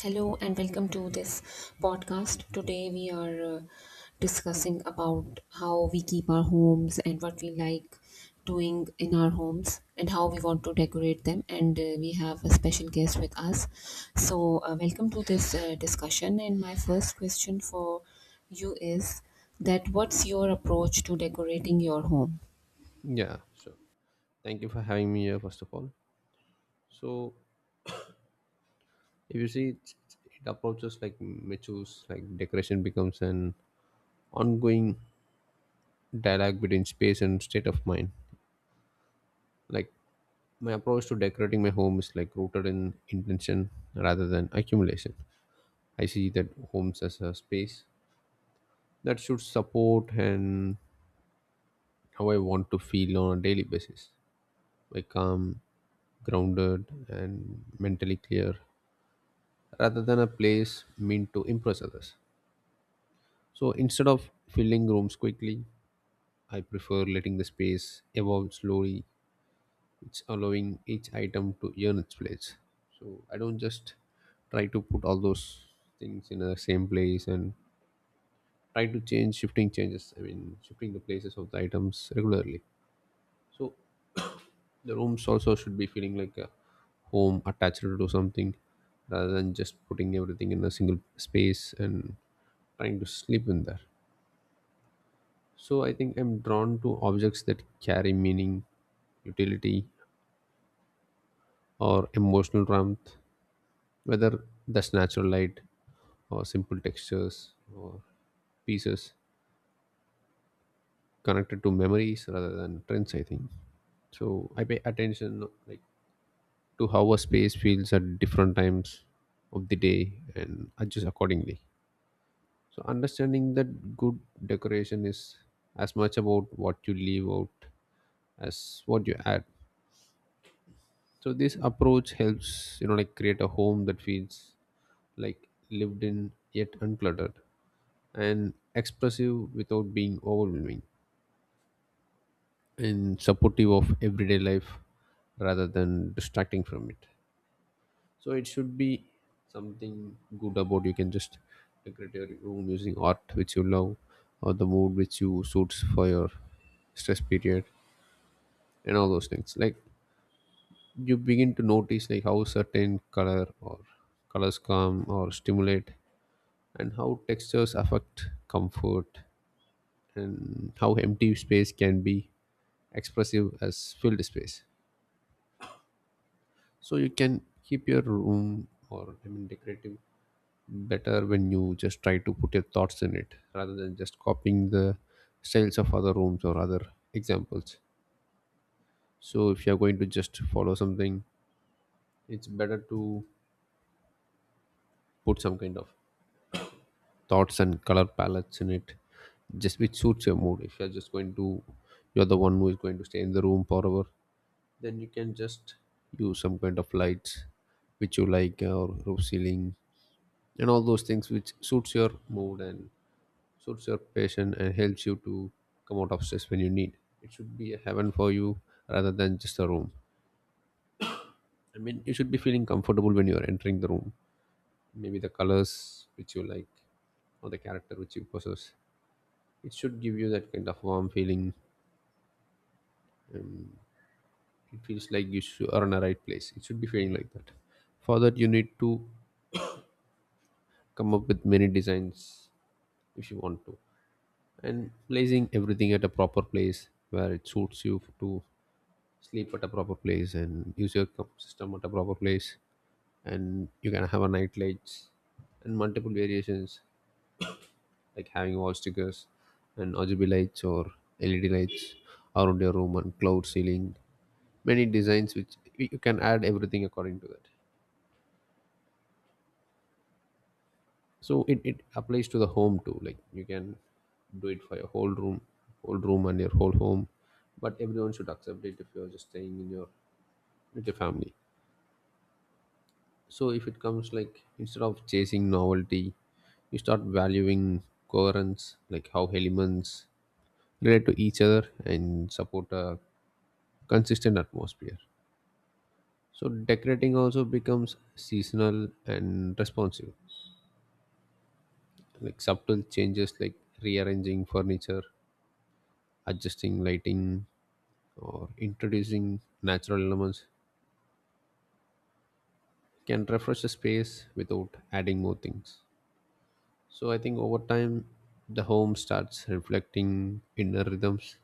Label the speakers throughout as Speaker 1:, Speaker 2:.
Speaker 1: Hello and welcome to this podcast. Today we are discussing about how we keep our homes and what we like doing in our homes and how we want to decorate them. And we have a special guest with us. So, welcome to this discussion. And my first question for you is that what's your approach to decorating your home?
Speaker 2: Yeah, sure. Thank you for having me here, first of all. So, if you see, it approaches like matures, like decoration becomes an ongoing dialogue between space and state of mind. Like, my approach to decorating my home is like rooted in intention rather than accumulation. I see that homes as a space that should support and how I want to feel on a daily basis. Like, calm, grounded, and mentally clear rather than a place meant to impress others. So instead of filling rooms quickly, I prefer letting the space evolve slowly. It's allowing each item to earn its place. So I don't just try to put all those things in the same place and try to change shifting changes. I mean, shifting the places of the items regularly. So the rooms also should be feeling like a home attached to something rather than just putting everything in a single space and trying to sleep in there. So I think I'm drawn to objects that carry meaning, utility, or emotional warmth, whether that's natural light or simple textures or pieces connected to memories rather than trends, I think. So I pay attention like to how a space feels at different times of the day and adjust accordingly. So, understanding that good decoration is as much about what you leave out as what you add. So, this approach helps, like create a home that feels like lived in yet uncluttered and expressive without being overwhelming and supportive of everyday life rather than distracting from it. So it should be something good about you can just decorate your room using art which you love or the mood which you suits for your stress period and all those things, like you begin to notice like how certain color or colors come or stimulate and how textures affect comfort and how empty space can be expressive as filled space. So you can keep your room, or I mean decorative better, when you just try to put your thoughts in it rather than just copying the styles of other rooms or other examples. So if you're going to just follow something, it's better to put some kind of thoughts and color palettes in it, just which suits your mood. If you're just going to, you're the one who is going to stay in the room forever, then you can just use some kind of lights which you like or roof ceiling and all those things which suits your mood and suits your passion and helps you to come out of stress when you need. It should be a heaven for you rather than just a room. I mean, you should be feeling comfortable when you are entering the room. Maybe the colors which you like or the character which you possess. It should give you that kind of warm feeling. It feels like you should, are in the right place. It should be feeling like that. For that, you need to come up with many designs if you want to, and placing everything at a proper place where it suits you to sleep at a proper place and use your system at a proper place, and you can have a night lights and multiple variations like having wall stickers and RGB lights or LED lights around your room and cloud ceiling, many designs which you can add everything according to that. So it applies to the home too, like you can do it for your whole room, and your whole home, but everyone should accept it if you're just staying in your with your family. So if it comes like instead of chasing novelty, you start valuing coherence, like how elements relate to each other and support a consistent atmosphere. So decorating also becomes seasonal and responsive, like subtle changes like rearranging furniture, adjusting lighting, or introducing natural elements can refresh the space without adding more things. So I think over time, the home starts reflecting inner rhythms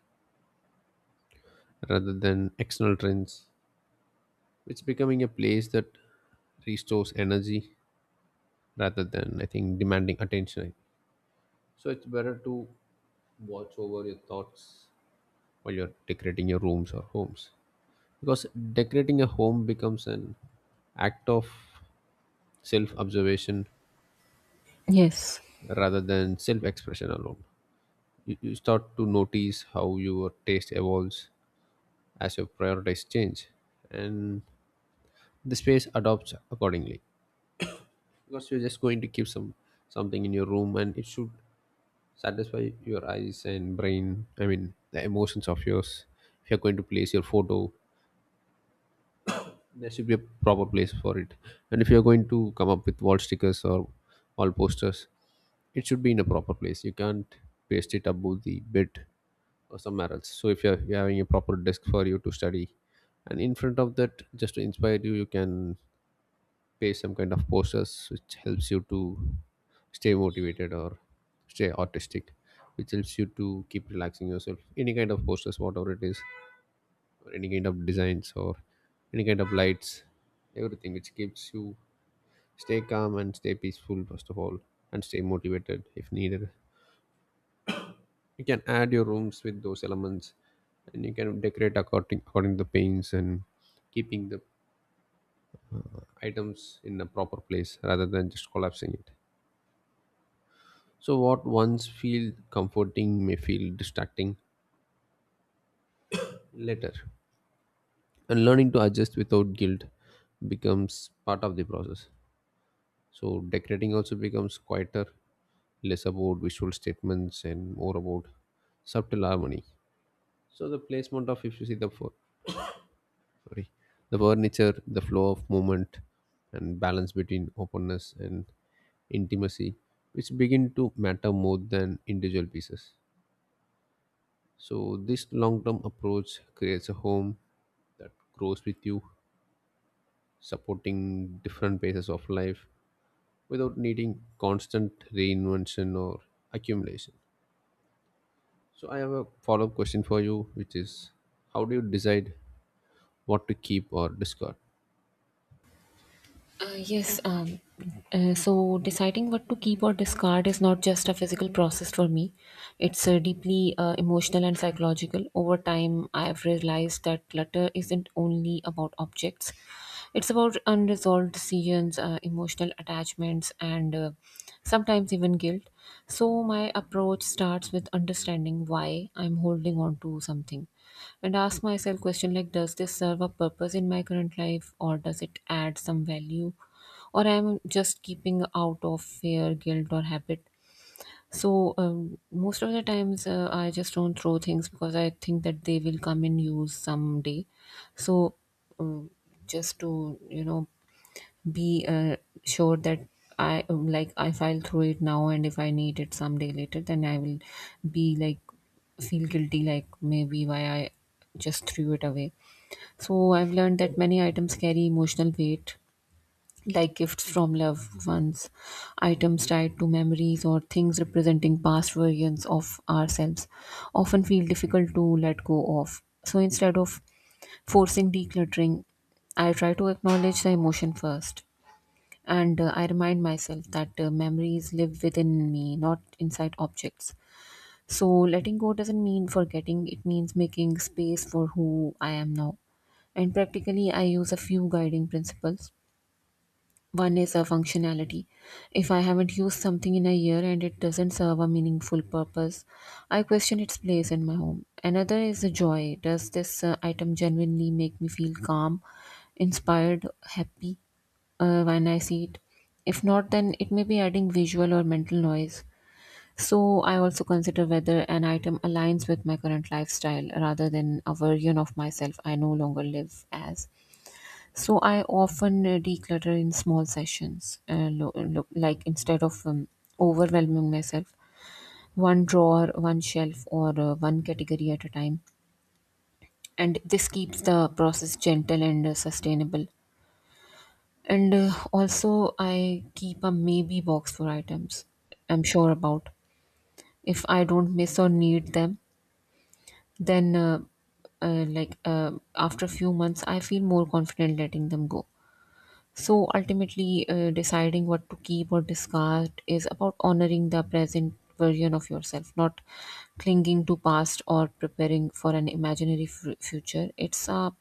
Speaker 2: rather than external trends. It's becoming a place that restores energy rather than, I think, demanding attention. So it's better to watch over your thoughts while you're decorating your rooms or homes. Because decorating a home becomes an act of self observation
Speaker 1: Yes.
Speaker 2: rather than self expression alone. You start to notice how your taste evolves as your priorities change, and the space adopts accordingly, because you're just going to keep some something in your room and it should satisfy your eyes and brain, I mean the emotions of yours. If you're going to place your photo, there should be a proper place for it. And if you're going to come up with wall stickers or wall posters, it should be in a proper place. You can't paste it above the bed or somewhere else. So if you're having a proper desk for you to study, and in front of that just to inspire you, you can pay some kind of posters which helps you to stay motivated or stay artistic, which helps you to keep relaxing yourself, any kind of posters whatever it is, or any kind of designs or any kind of lights, everything which keeps you stay calm and stay peaceful first of all and stay motivated if needed. You can add your rooms with those elements, and you can decorate according to the paints and keeping the items in a proper place rather than just collapsing it. So, what once feel comforting may feel distracting later. And learning to adjust without guilt becomes part of the process. So, decorating also becomes quieter, less about visual statements and more about subtle harmony. So, the placement of, if you see the, sorry, the furniture, the flow of movement, and balance between openness and intimacy, which begin to matter more than individual pieces. So, this long term approach creates a home that grows with you, supporting different phases of life without needing constant reinvention or accumulation. So, I have a follow up question for you, which is how do you decide what to keep or discard?
Speaker 1: Uh, yes, um, so deciding what to keep or discard is not just a physical process for me. It's deeply emotional and psychological. Over time, I have realized that clutter isn't only about objects, it's about unresolved decisions, emotional attachments, and sometimes even guilt. So, my approach starts with understanding why I'm holding on to something and ask myself question like, does this serve a purpose in my current life, or does it add some value, or I'm just keeping out of fear, guilt, or habit? So most of the times I just don't throw things because I think that they will come in use someday. So um, just to be sure that I, like if I'll throw it now and if I need it someday later, then I will be like feel guilty like maybe why I just threw it away. So I've learned that many items carry emotional weight, like gifts from loved ones, items tied to memories, or things representing past versions of ourselves often feel difficult to let go of. So instead of forcing decluttering, I try to acknowledge the emotion first, and I remind myself that memories live within me, not inside objects. So letting go doesn't mean forgetting, it means making space for who I am now. And practically, I use a few guiding principles. One is a functionality. If I haven't used something in a year and it doesn't serve a meaningful purpose, I question its place in my home. Another is the joy. Does this item genuinely make me feel calm, inspired, happy when I see it? If not, then it may be adding visual or mental noise. So I also consider whether an item aligns with my current lifestyle rather than a version of myself I no longer live as. So I often declutter in small sessions. Like instead of overwhelming myself, one drawer, one shelf, or one category at a time. And this keeps the process gentle and sustainable. And also, I keep a maybe box for items I'm sure about. If I don't miss or need them, then like after a few months, I feel more confident letting them go. So ultimately, deciding what to keep or discard is about honoring the present version of yourself, not clinging to past or preparing for an imaginary future. It's a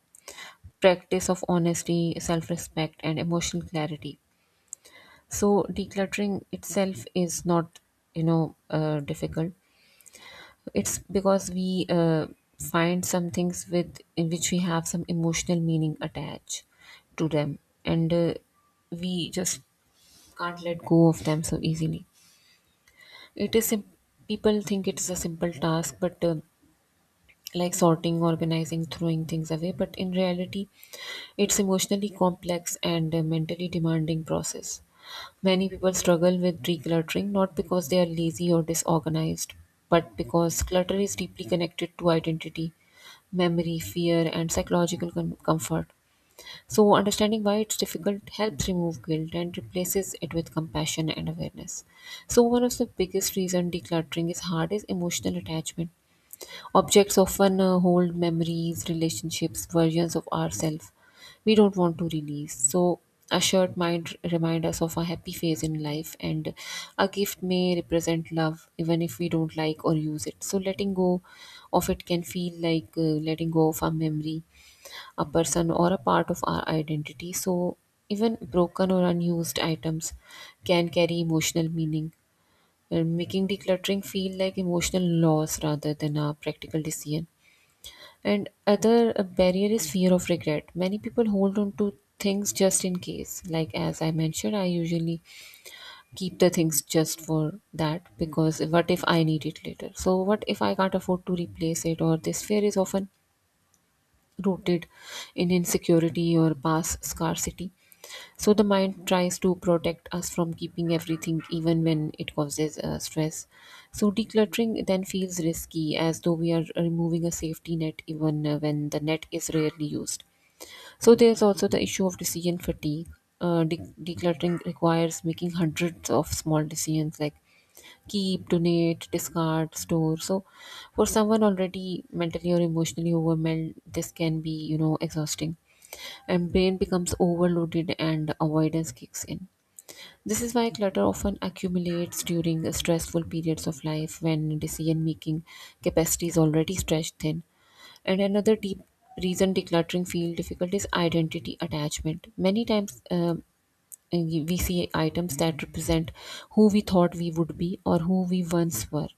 Speaker 1: practice of honesty, self-respect, and emotional clarity. So decluttering itself is not, difficult. It's because we find some things with in which we have some emotional meaning attached to them, and we just can't let go of them so easily. It is sim- People think it is a simple task, but like sorting, organizing, throwing things away. But in reality, it's emotionally complex and a mentally demanding process. Many people struggle with decluttering not because they are lazy or disorganized, but because clutter is deeply connected to identity, memory, fear, and psychological comfort. So, understanding why it's difficult helps remove guilt and replaces it with compassion and awareness. So, one of the biggest reason decluttering is hard is emotional attachment. Objects often hold memories, relationships, versions of ourselves we don't want to release. So, a shirt might remind us of a happy phase in life, and a gift may represent love, even if we don't like or use it. So, letting go of it can feel like letting go of a memory, a person, or a part of our identity. So, even broken or unused items can carry emotional meaning, and making decluttering feel like emotional loss rather than a practical decision. And other barrier is fear of regret. Many people hold on to things just in case. Like as I mentioned, I usually keep the things just for that because what if I need it later? So what if I can't afford to replace it? Or this fear is often rooted in insecurity or past scarcity. So the mind tries to protect us from keeping everything, even when it causes stress. So decluttering then feels risky, as though we are removing a safety net, even when the net is rarely used. So there's also the issue of decision fatigue. Decluttering requires making hundreds of small decisions like keep, donate, discard, store. So, for someone already mentally or emotionally overwhelmed, this can be, you know, exhausting. And brain becomes overloaded and avoidance kicks in. This is why clutter often accumulates during stressful periods of life when decision making capacity is already stretched thin. And another deep reason decluttering feels difficult is identity attachment. Many times, we see items that represent who we thought we would be or who we once were,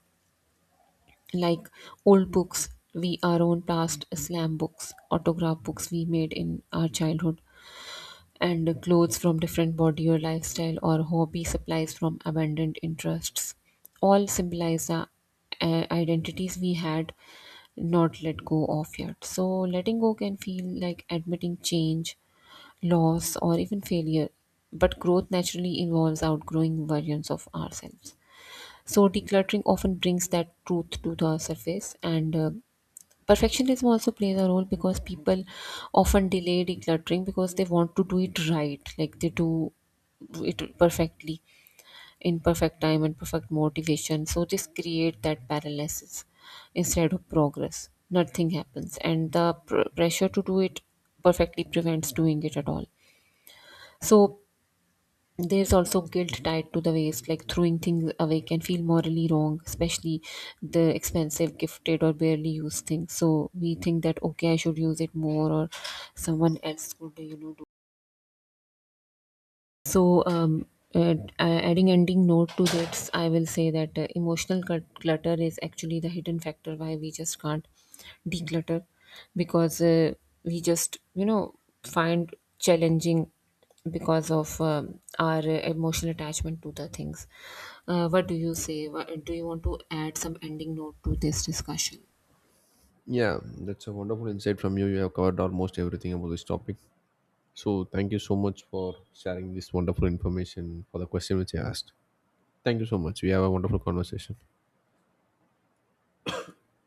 Speaker 1: like old books, we our own past, slam books, autograph books we made in our childhood, and clothes from different body or lifestyle or hobby supplies from abandoned interests all symbolize the identities we had not let go of yet. So letting go can feel like admitting change, loss, or even failure. But growth naturally involves outgrowing versions of ourselves. So, decluttering often brings that truth to the surface, and perfectionism also plays a role because people often delay decluttering because they want to do it right, like they do it perfectly in perfect time and perfect motivation. So, this creates that paralysis instead of progress. Nothing happens, and the pressure to do it perfectly prevents doing it at all. So there's also guilt tied to the waste, like throwing things away can feel morally wrong, especially the expensive, gifted, or barely used things. So we think that, okay, I should use it more, or someone else could, do. So, uh, adding ending note to this, I will say that emotional clutter is actually the hidden factor why we just can't declutter because we just, find challenging because of our emotional attachment to the things. What do you say? Do you want to add some ending note to this discussion?
Speaker 2: Yeah, that's a wonderful insight from you. You have covered almost everything about this topic. So, thank you so much for sharing this wonderful information for the question which I asked. Thank you so much. We have a wonderful conversation.